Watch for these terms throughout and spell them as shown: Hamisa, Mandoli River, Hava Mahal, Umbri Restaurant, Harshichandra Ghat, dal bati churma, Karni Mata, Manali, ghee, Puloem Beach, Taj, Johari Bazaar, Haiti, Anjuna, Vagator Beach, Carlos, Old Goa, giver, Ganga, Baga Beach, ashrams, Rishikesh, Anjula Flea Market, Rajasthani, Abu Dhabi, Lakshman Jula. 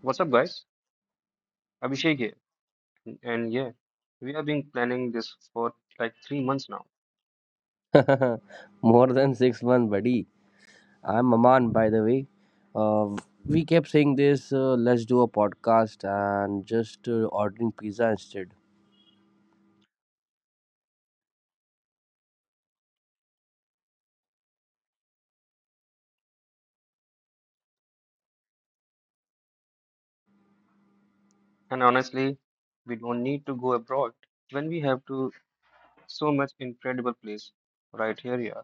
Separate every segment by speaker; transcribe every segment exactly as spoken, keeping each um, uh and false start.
Speaker 1: What's up, guys? Abhishek here. And yeah, we have been planning this for like three months now.
Speaker 2: More than six months, buddy. I'm Aman, by the way. Uh, we kept saying this, uh, let's do a podcast and just uh, ordering pizza instead.
Speaker 1: And honestly, we don't need to go abroad when we have to so much incredible place right here, yeah.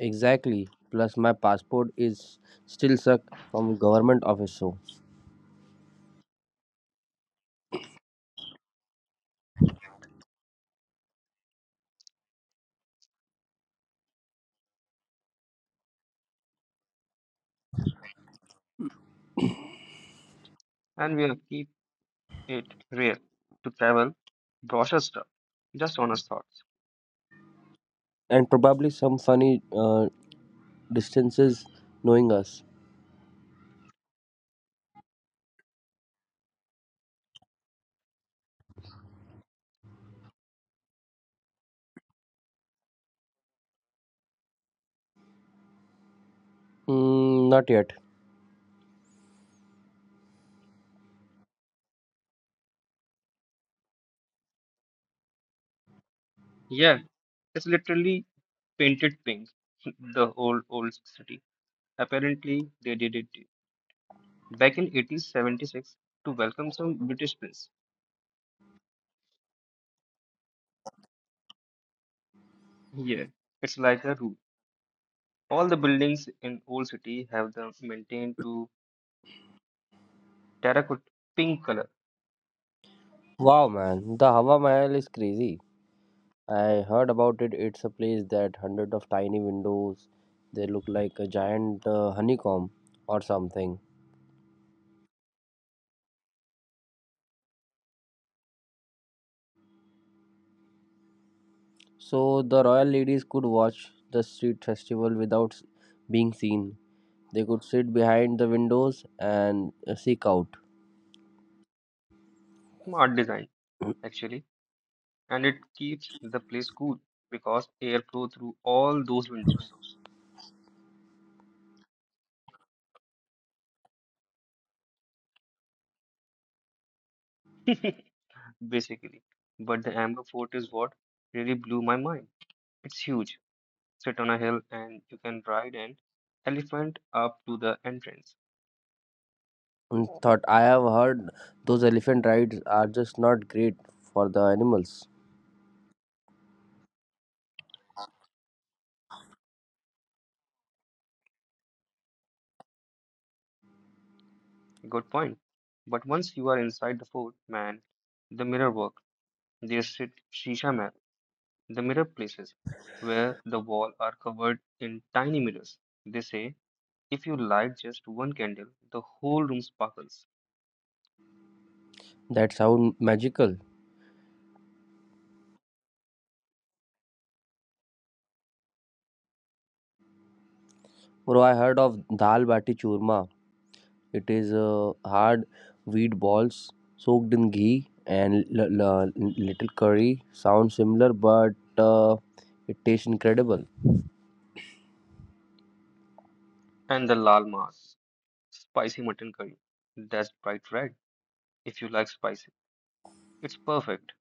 Speaker 2: Exactly. Plus, my passport is still stuck from government office, so.
Speaker 1: And we'll keep it real to travel, brochure stuff, just honest thoughts.
Speaker 2: And probably some funny uh, distances knowing us. Mm, not yet.
Speaker 1: Yeah, it's literally painted pink, the old, old city. Apparently, they did it back in eighteen seventy-six to welcome some British prince. Yeah, it's like a rule. All the buildings in Old City have the maintained to terracotta pink color.
Speaker 2: Wow, man. The Hava Mahal is crazy. I heard about it. It's a place that hundred of tiny windows. They look like a giant uh, honeycomb or something. So the royal ladies could watch the street festival without s- being seen. They could sit behind the windows and uh, seek out.
Speaker 1: Smart design, actually. And it keeps the place cool because air flow through all those windows. Basically. But the Amber Fort is what really blew my mind. It's huge, sit on a hill, and you can ride an elephant up to the entrance.
Speaker 2: And thought I have heard those elephant rides are just not great for the animals.
Speaker 1: Good point. But once you are inside the fort, man, the mirror work, they sit shisha mirror. The mirror places where the wall are covered in tiny mirrors. They say if you light just one candle, the whole room sparkles.
Speaker 2: That sound magical. Bro, I heard of dal bati churma. It is uh, hard wheat balls soaked in ghee and l- l- little curry. Sounds similar, but uh, it tastes incredible.
Speaker 1: And the lal mas, spicy mutton curry, that's bright red. If you like spicy, it's perfect.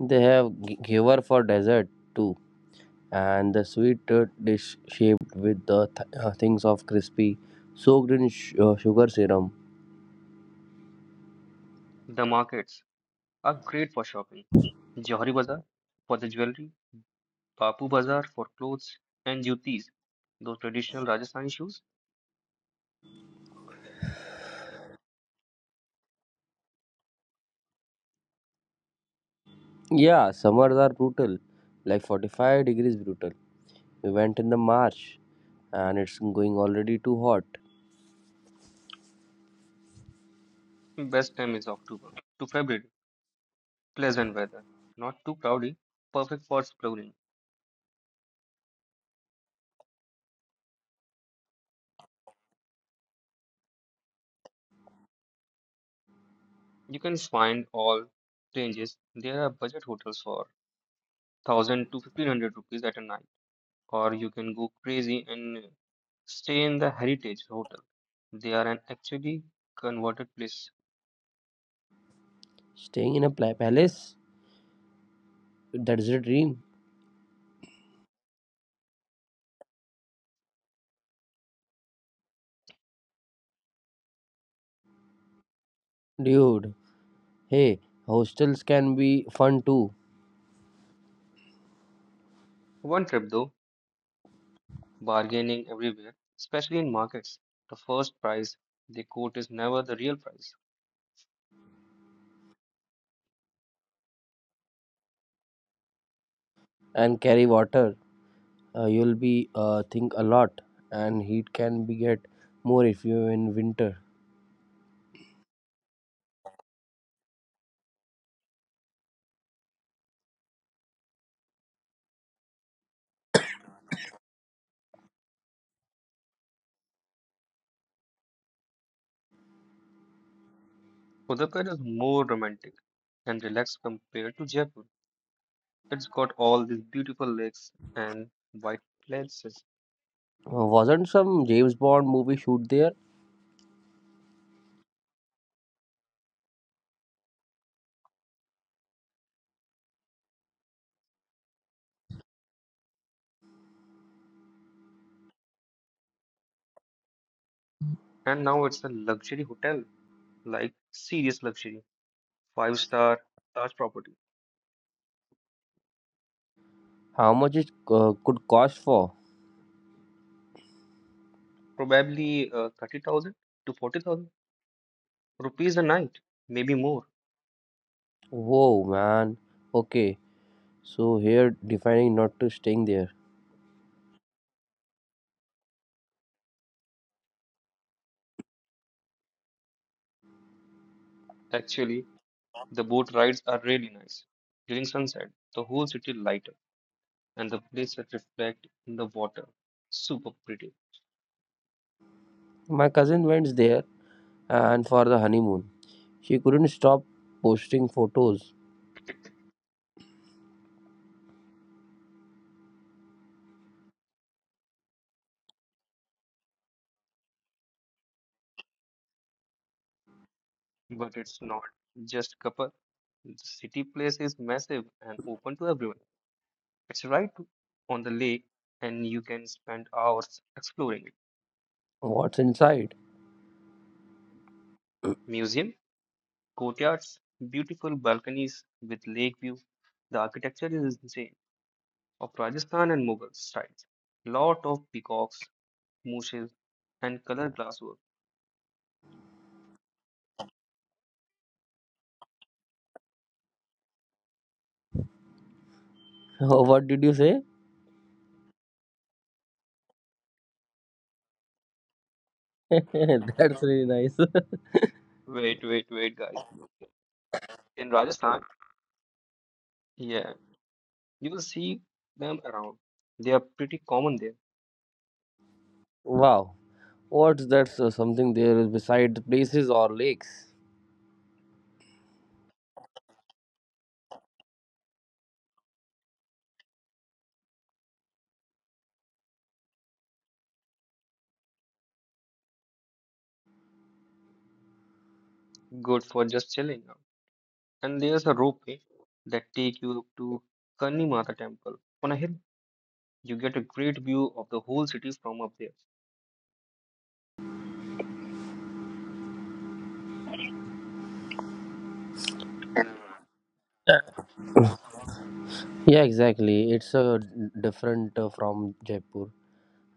Speaker 2: They have g- giver for dessert too, and the sweet uh, dish shaped with the th- uh, things of crispy, soaked in sh- uh, sugar serum.
Speaker 1: The markets are great for shopping. Johari Bazaar for the jewelry, Papu Bazaar for clothes, and Jutis, those traditional Rajasthani shoes.
Speaker 2: Yeah, summers are brutal, like forty-five degrees brutal. We went in the March, and it's going already too hot.
Speaker 1: Best time is October to February. Pleasant weather, not too cloudy, perfect for exploring. You can find all ranges. There are budget hotels for one thousand to fifteen hundred rupees at a night, or you can go crazy and stay in the Heritage Hotel. They are an actually converted place.
Speaker 2: Staying in a pla- palace, that's a dream, dude. Hey, hostels can be fun too
Speaker 1: One trip though, bargaining everywhere, especially in markets. The first price they quote is never the real price.
Speaker 2: and carry water. Uh, you'll be uh, think a lot and heat can be get more if you are in winter.
Speaker 1: Udaipur is more romantic and relaxed compared to Jaipur. It's got all these beautiful lakes and white places,
Speaker 2: Uh, wasn't some James Bond movie shoot there?
Speaker 1: and now it's a luxury hotel. Like serious luxury, five star Taj property,
Speaker 2: How much it uh, could cost for?
Speaker 1: probably uh, thirty thousand to forty thousand rupees a night, maybe more.
Speaker 2: Whoa, man. Okay, so here defining not to staying there.
Speaker 1: Actually, the boat rides are really nice. During sunset, the whole city light up and the places reflect in the water. Super pretty,
Speaker 2: My cousin went there and for the honeymoon. She couldn't stop posting photos.
Speaker 1: but it's not just Kapar. The city place is massive and open to everyone. It's right on the lake, and you can spend hours exploring it.
Speaker 2: What's inside?
Speaker 1: Museum Courtyards, beautiful balconies with lake view. The architecture is insane, of Rajasthan and Mughal styles. Lot of peacocks, mooses, and color glasswork.
Speaker 2: What did you say? That's really nice.
Speaker 1: Wait, wait, wait, guys. In Rajasthan, yeah, you will see them around. They are pretty common there,
Speaker 2: Wow. What's that? So something there is beside places or lakes?
Speaker 1: good for just chilling out. And there's a ropeway that take you to Karni Mata temple. On a hill, you get a great view of the whole city from up there.
Speaker 2: Uh, yeah, exactly. It's uh, d- different uh, from Jaipur,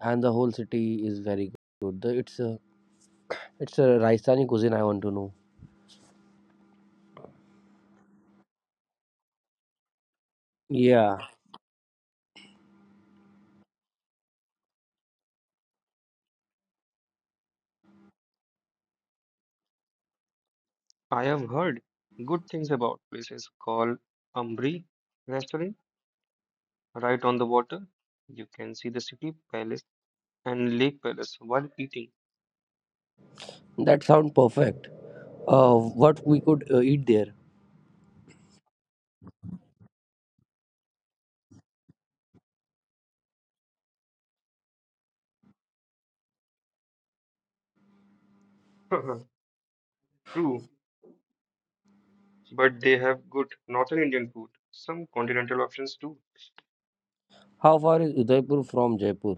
Speaker 2: and the whole city is very good. The- It's a it's a Rajasthani cuisine. I want to know. Yeah,
Speaker 1: I have heard good things about places called Umbri Restaurant, right on the water. You can see the city palace and lake palace while eating.
Speaker 2: that sounds perfect. Uh, what we could uh, eat there?
Speaker 1: True, but they have good northern Indian food, some continental options too.
Speaker 2: How far is Udaipur from Jaipur?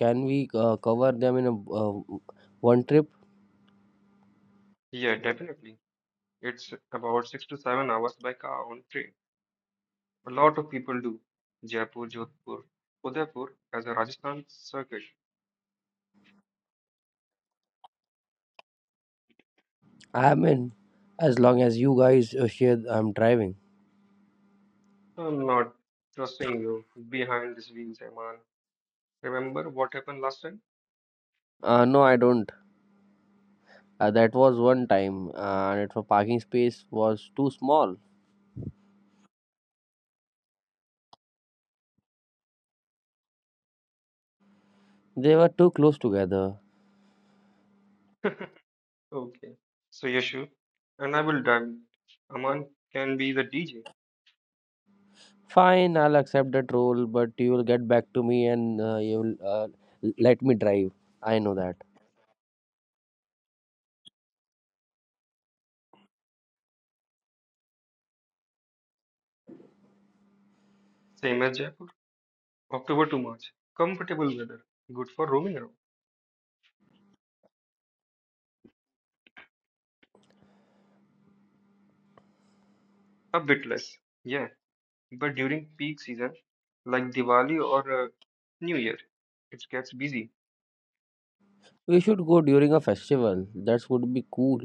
Speaker 2: Can we uh, cover them in a uh, one trip?
Speaker 1: Yeah, definitely. It's about six to seven hours by car on train. A lot of people do. Jaipur, Jodhpur, Udaipur as a Rajasthan circuit.
Speaker 2: I mean, as long as you guys uh, share, I'm driving.
Speaker 1: I'm not trusting you behind these wheels, Aman. Remember what happened last
Speaker 2: Uh, no, I don't. Uh, that was one time, uh, and it, for parking space was too small. They were too close together.
Speaker 1: time? Okay. So Yashu and I will dive in. Aman can be the D J,
Speaker 2: Fine, I'll accept that role, but you will get back to me and uh, you will uh, l- let me drive. I know that.
Speaker 1: same as Jaipur. October to March, comfortable weather, good for roaming around. A bit less, yeah. But during peak season, like Diwali or uh, New Year, it gets busy.
Speaker 2: We should go during a festival. That would be cool.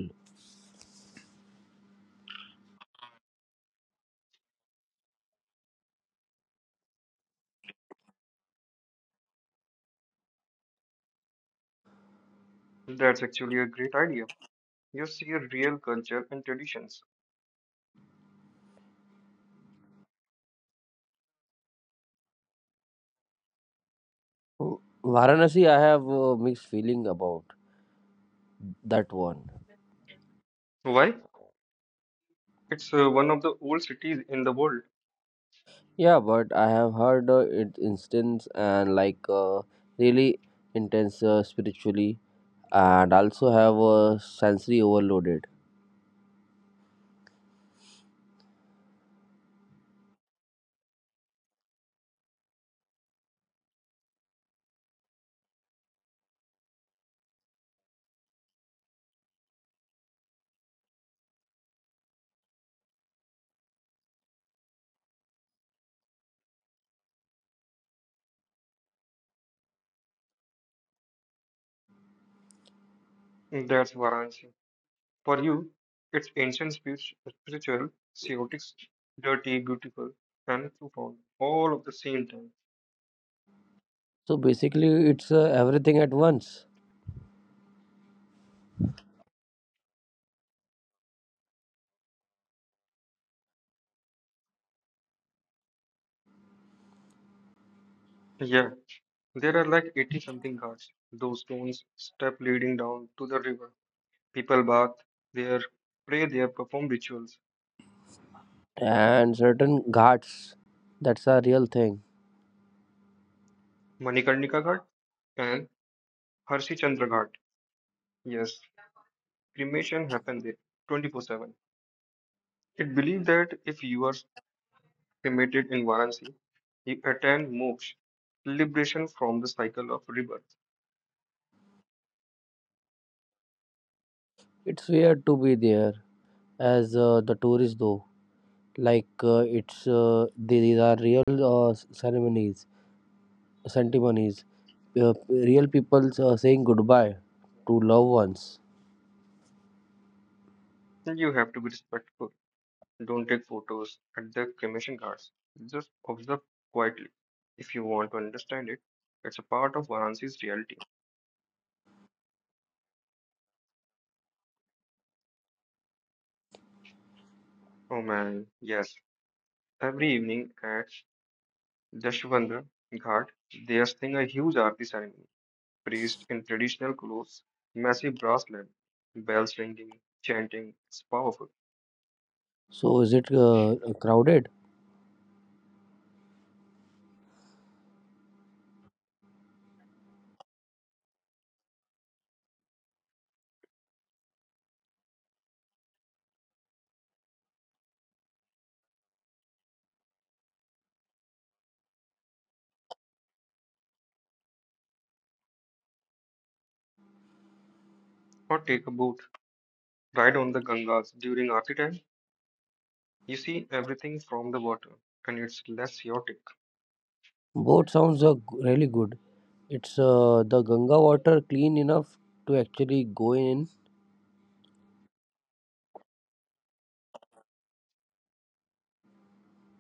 Speaker 1: That's actually a great idea. You see a real culture and traditions.
Speaker 2: Oh, Varanasi, I have a mixed feeling about that one.
Speaker 1: Why? It's uh, one of the old cities in the world.
Speaker 2: Yeah, but I have heard uh, it instance and like uh, really intense uh, spiritually, and also have uh, sensory overloaded.
Speaker 1: That's Varanasi. For you, it's ancient, spirit- spiritual, chaotic, dirty, beautiful, and profound, all of the same time.
Speaker 2: So basically, it's uh, everything at once,
Speaker 1: Yeah, there are like eighty something guards. Those stones step leading down to the river. People bath there, pray there, perform rituals.
Speaker 2: and certain ghats. That's a real thing.
Speaker 1: Manikarnika Ghat and Harshichandra Ghat. Yes, cremation happened there twenty four seven. It believed that if you are cremated in Varanasi, you attain moksha, liberation from the cycle of rebirth.
Speaker 2: It's weird to be there as uh, the tourist though. Like uh, it's uh, these are real uh, ceremonies, ceremonies, uh, real people uh, saying goodbye to loved ones.
Speaker 1: Still, you have to be respectful. Don't take photos at the cremation guards. Just observe quietly. If you want to understand it, it's a part of Varanasi's reality. Oh man, yes. Every evening at Dashvandra Ghat, there's thing a huge aarti ceremony. Priest in traditional clothes, massive brass lamp, bells ringing, chanting. It's powerful.
Speaker 2: So is it uh, crowded?
Speaker 1: Or take a boat, ride on the Gangas during aarti time. You see everything from the water, and it's less chaotic.
Speaker 2: Boat sounds uh, g- really good. It's uh, the Ganga water clean enough to actually go in.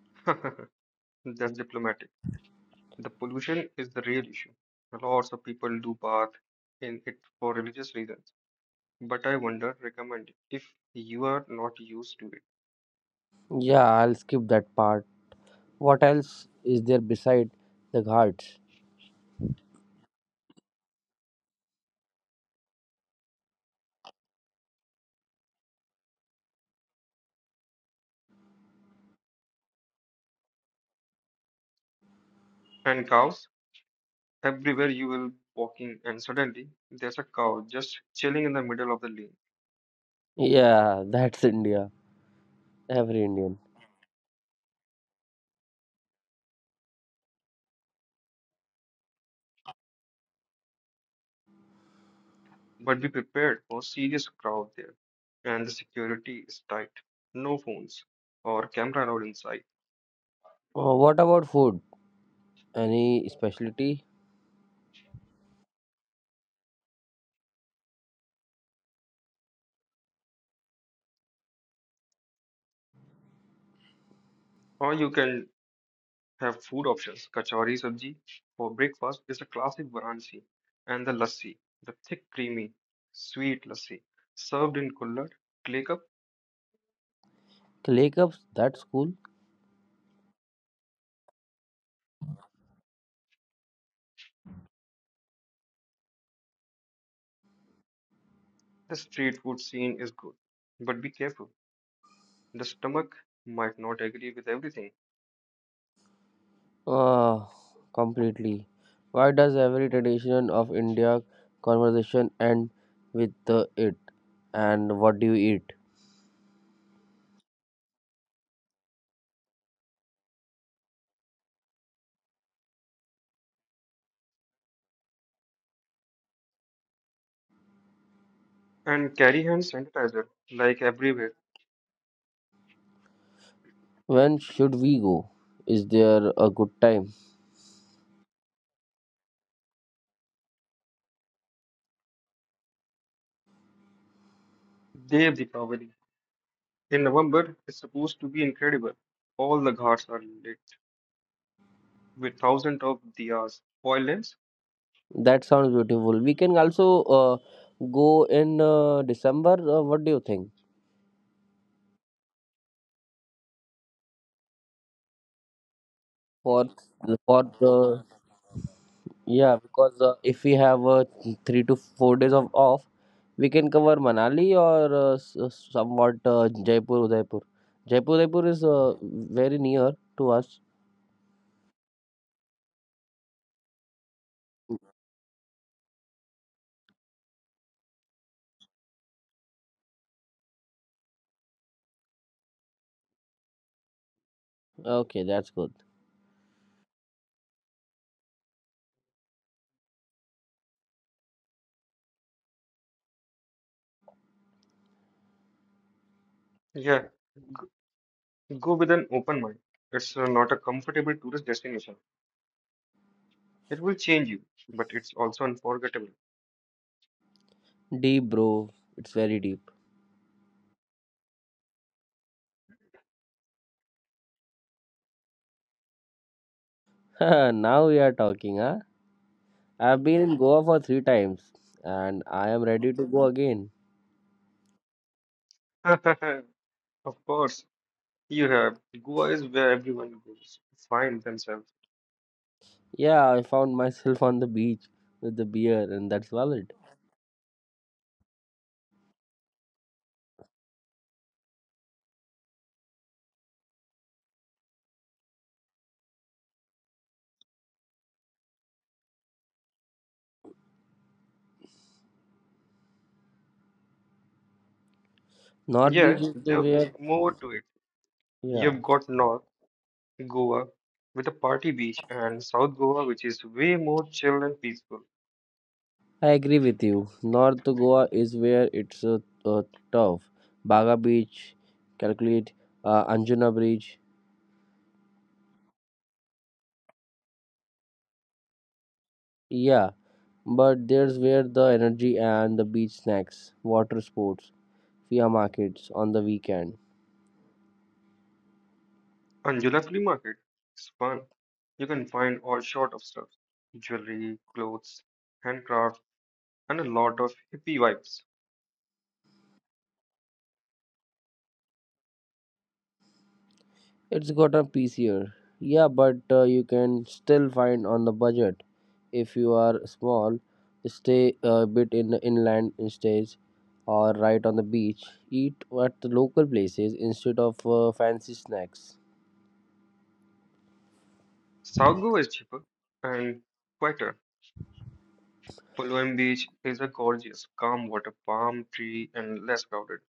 Speaker 1: That's diplomatic. The pollution is the real issue. Lots of people do bath in it for religious reasons. But I wonder, recommend if you are not used to it.
Speaker 2: Yeah, I'll skip that part. What else is there beside the ghats?
Speaker 1: And cows, everywhere you will walking and suddenly there's a cow just chilling in the middle of the lane.
Speaker 2: Yeah, that's India. Every Indian.
Speaker 1: But be prepared for serious crowd there. And the security is tight. No phones or camera allowed inside.
Speaker 2: Uh, what about food? Any specialty?
Speaker 1: Or you can have food options. Kachori sabji for breakfast is a classic Varanasi, and the lassi, the thick, creamy, sweet lassi, served in kullad, clay cup.
Speaker 2: Clay cups? That's cool.
Speaker 1: The street food scene is good, but be careful. The stomach might not agree with everything.
Speaker 2: Ah, completely. Why does every tradition of India conversation end with the it? And what do you eat?
Speaker 1: And carry hand sanitizer, like everywhere.
Speaker 2: When should we go? Is there a good time?
Speaker 1: Dev Deepavali. In November, is supposed to be incredible. All the ghats are lit with thousands of diyas, oil lamps.
Speaker 2: That sounds beautiful. We can also uh, go in uh, December. Uh, what do you think? For for the, yeah, because uh, if we have uh, three to four days of off, we can cover Manali or uh, s- uh, somewhat uh, Jaipur, Udaipur. Jaipur, Udaipur is uh, very near to us. Okay, that's good.
Speaker 1: Yeah, go with an open mind. It's uh, not a comfortable tourist destination. It will change you, but it's also unforgettable.
Speaker 2: Deep, bro. It's very deep. Now we are talking, huh? I've been in Goa for three times and I am ready to go again.
Speaker 1: Of course, you have. Goa is where everyone goes to find themselves.
Speaker 2: Yeah, I found myself on the beach with the beer, and that's valid. North Beach
Speaker 1: Yeah,
Speaker 2: is the
Speaker 1: there'll be
Speaker 2: where,
Speaker 1: more to it.
Speaker 2: yeah.
Speaker 1: You've got North Goa with a party beach and South Goa, which is way more chill and peaceful.
Speaker 2: I agree with you. North Goa is where it's uh, uh, tough. Baga Beach, calculate uh, Anjuna Bridge. Yeah, but there's where the energy and the beach snacks, water sports, via markets on the weekend.
Speaker 1: Anjula Flea Market is fun. You can find all sort of stuff, jewelry, clothes, handcraft, and a lot of hippie vibes.
Speaker 2: It's got a easier. Yeah, but uh, you can still find on the budget. If you are small, stay uh, a bit in the inland stays or right on the beach. Eat at the local places instead of uh, fancy snacks.
Speaker 1: South Goa is cheaper and quieter. Puloem Beach is a gorgeous, calm water, palm tree, and less crowded.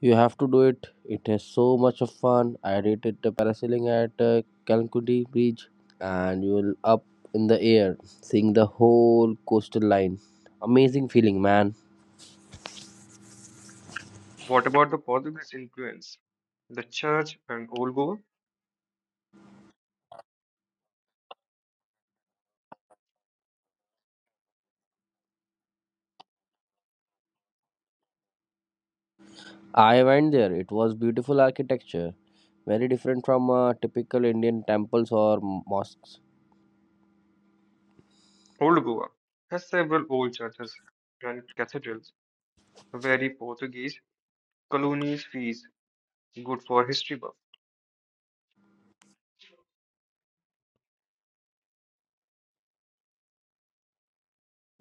Speaker 2: You have to do it. It is so much of fun. I did it uh, parasailing at uh, Calcutta Bridge, and you will up in the air, seeing the whole coastal line. Amazing feeling, man.
Speaker 1: What about the Portuguese influence? The church and Old Goa?
Speaker 2: I went there. It was beautiful architecture, very different from uh, typical Indian temples or mosques.
Speaker 1: Old Goa has several old churches and cathedrals, very Portuguese colonies fees, good for history buff.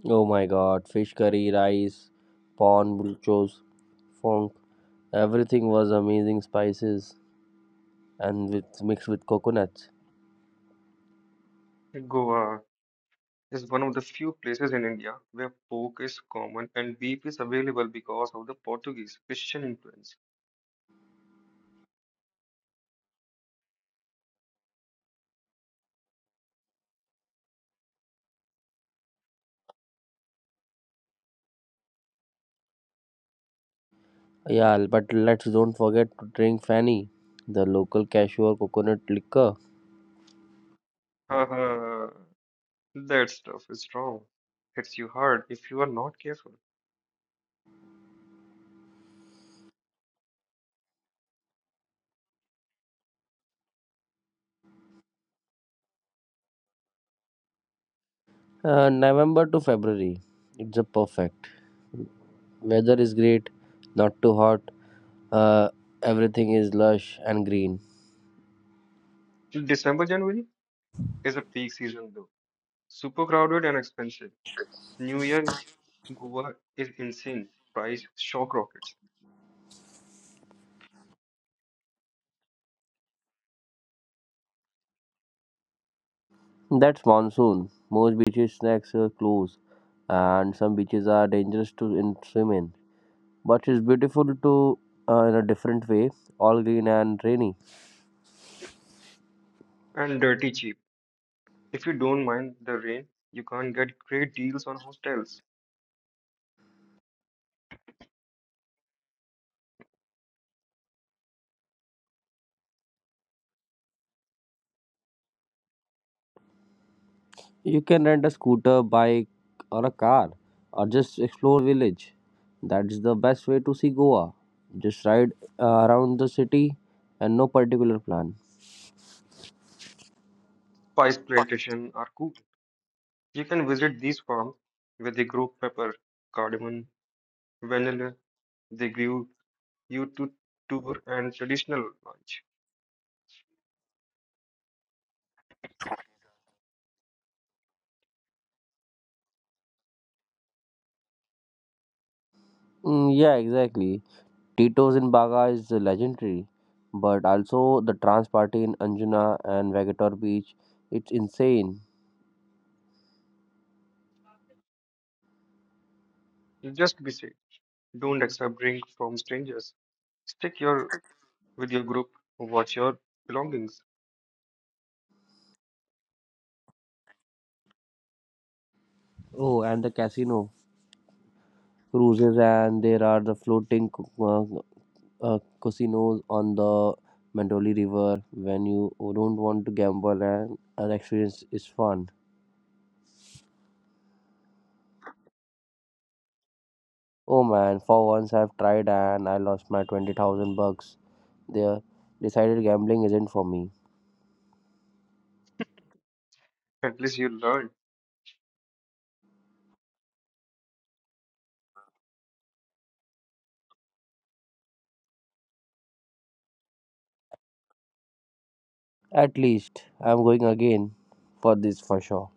Speaker 2: Oh my God! Fish curry, rice, prawn bulchos, funk. Everything was amazing spices and with mixed with coconuts.
Speaker 1: Goa is one of the few places in India where pork is common and beef is available because of the Portuguese Christian influence.
Speaker 2: Yeah, but let's don't forget to drink Fanny, the local cashew or coconut liquor.
Speaker 1: Haha. That stuff is wrong. Hits you hard if you are not careful.
Speaker 2: Uh, November to February, it's a perfect. Weather is great, not too hot. Uh, everything is lush and green.
Speaker 1: December, January is a peak season though. Super crowded and expensive. New Year's Goa is insane. Price shock rockets
Speaker 2: That's monsoon. Most beaches snacks are close, and some beaches are dangerous to in swim in. But it's beautiful to uh, in a different way, all green and rainy.
Speaker 1: and dirty cheap. If you don't mind the rain, you can get great deals on hostels.
Speaker 2: You can rent a scooter, bike, or a car, or just explore village. That's the best way to see Goa. Just ride uh, around the city and no particular plan.
Speaker 1: Spice plantation are cool. You can visit these farms where they grow pepper, cardamom, vanilla. They give you to tour and traditional lunch.
Speaker 2: Mm, yeah, exactly. Tito's in Baga is legendary, but also the trans party in Anjuna and Vagator Beach, it's insane.
Speaker 1: Just be safe. Don't accept drink from strangers. Stick your with your group. Watch your belongings.
Speaker 2: Oh, and the casino cruises, and there are the floating uh, uh, casinos on the Mandoli River when you don't want to gamble and an experience is fun. Oh man, for once I've tried and I lost my twenty thousand bucks there. Decided gambling isn't for me.
Speaker 1: At least you learn.
Speaker 2: At least I'm going again for this for sure.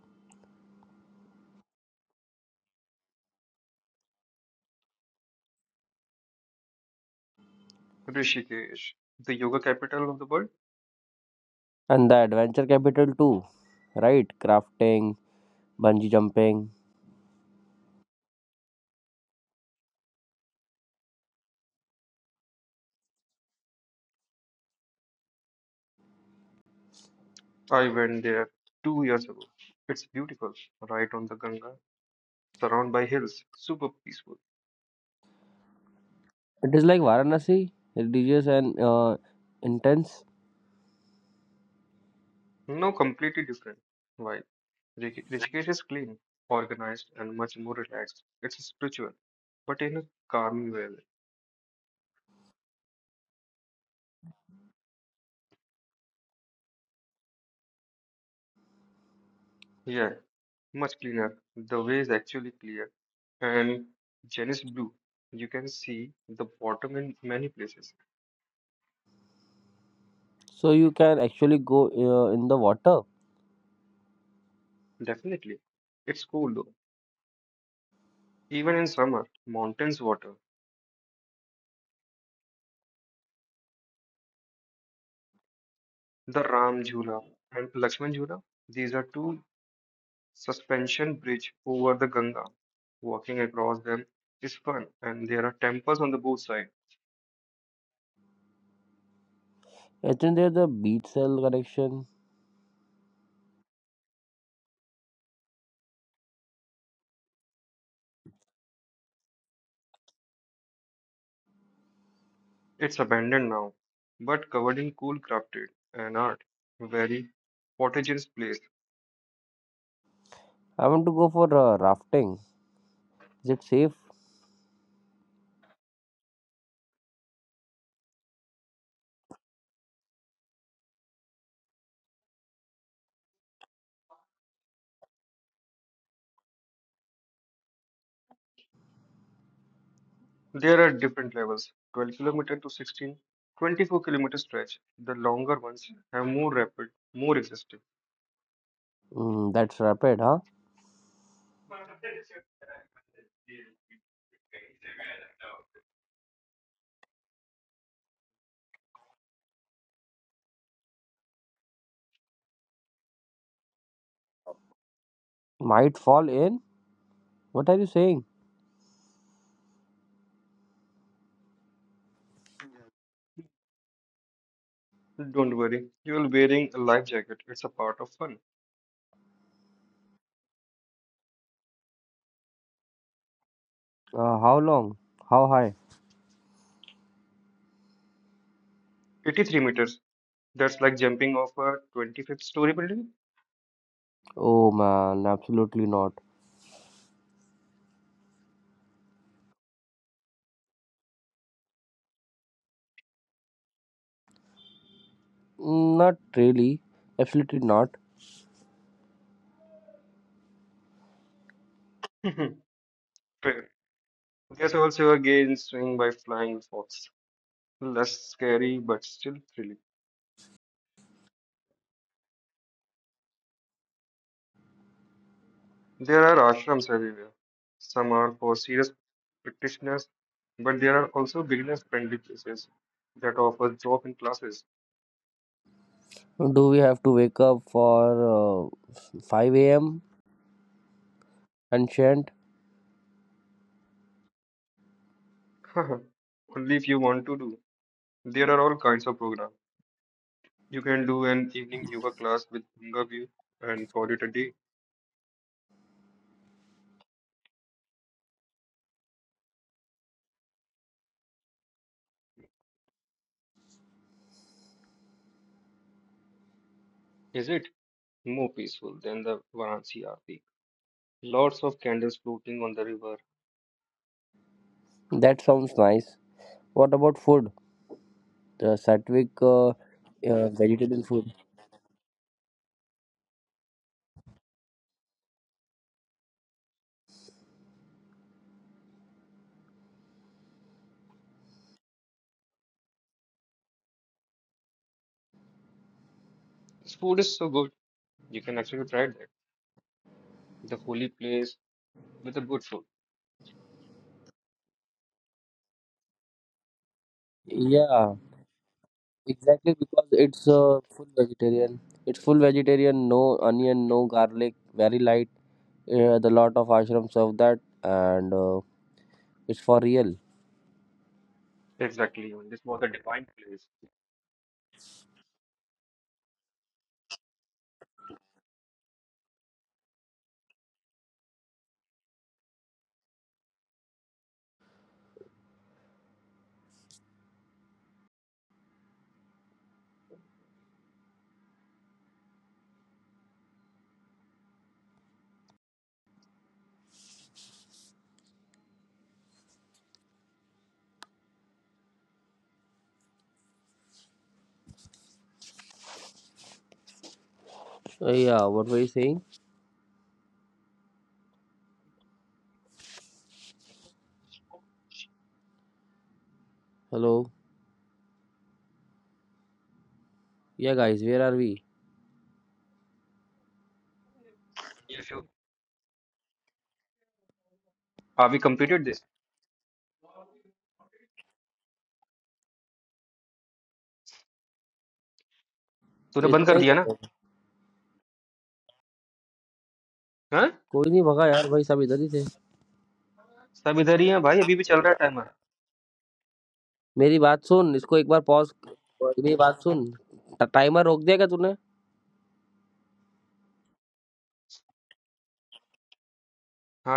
Speaker 1: Rishikesh, the yoga capital of the world.
Speaker 2: And the adventure capital too, right? Crafting, bungee jumping.
Speaker 1: I went there two years ago. It's beautiful, right on the Ganga, surrounded by hills, super peaceful.
Speaker 2: It is like Varanasi, religious and uh, intense.
Speaker 1: No, completely different. While Rik- Rishikesh is clean, organized, and much more relaxed. It's spiritual, but in a calm way. Yeah, much cleaner. The way is actually clear. And Jen blue. You can see the bottom in many places.
Speaker 2: So you can actually go uh, in the water.
Speaker 1: Definitely. It's cool though. Even in summer, mountains water, the Ram Jula and Lakshman Jula, these are two suspension bridge over the Ganga. Walking across them is fun and there are temples on the both side.
Speaker 2: Isn't there the beach cell connection?
Speaker 1: It's abandoned now, but covered in cool crafted and art. Very Portage's place.
Speaker 2: I want to go for uh, rafting. Is it safe?
Speaker 1: There are different levels twelve kilometer to sixteen, twenty four kilometer stretch. The longer ones have more rapid, more existing.
Speaker 2: Mm, that's rapid, huh? Might fall in? What are you saying?
Speaker 1: Don't worry, you're wearing a life jacket. It's a part of fun.
Speaker 2: Uh, how long? How high?
Speaker 1: eighty three meters. That's like jumping off a twenty fifth story building.
Speaker 2: Oh man, absolutely not. Mm, not really. Absolutely not.
Speaker 1: Fair. There's also a gay swing by flying fox. Less scary, but still thrilling. There are ashrams everywhere. Some are for serious practitioners, but there are also beginners friendly places that offer drop in classes.
Speaker 2: Do we have to wake up for uh, five a m? And
Speaker 1: Only if you want to do. There are all kinds of programs. You can do an evening yoga class with Ganga View and call it a day. Is it more peaceful than the Varanasi Aarti? Lots of candles floating on the river.
Speaker 2: that sounds nice. What about food? The Satvic uh, uh, vegetarian food.
Speaker 1: This food is so good. You can actually try that. The holy place with the good food.
Speaker 2: Yeah, exactly because it's uh, full vegetarian. It's full vegetarian, no onion, no garlic, very light. Uh, the lot of ashrams serve that, and uh, it's for real.
Speaker 1: Exactly. and This was a divine place.
Speaker 2: Uh, yeah, what were you saying? Hello. Yeah, guys, where are we?
Speaker 1: If you. हाँ we completed this
Speaker 2: तो
Speaker 1: तूने बंद
Speaker 2: इतना
Speaker 1: कर
Speaker 2: ही
Speaker 1: दिया ना
Speaker 2: करना है।
Speaker 1: हाँ
Speaker 2: कोई नहीं भगा यार। भाई, सब इधर ही थे।
Speaker 1: सब इधर ही है भाई अभी भी चल रहा है टाइमर
Speaker 2: मेरी बात सुन, इसको एक बार पॉज। मेरी बात सुन, टाइमर रोक दिया क्या तूने?
Speaker 1: हाँ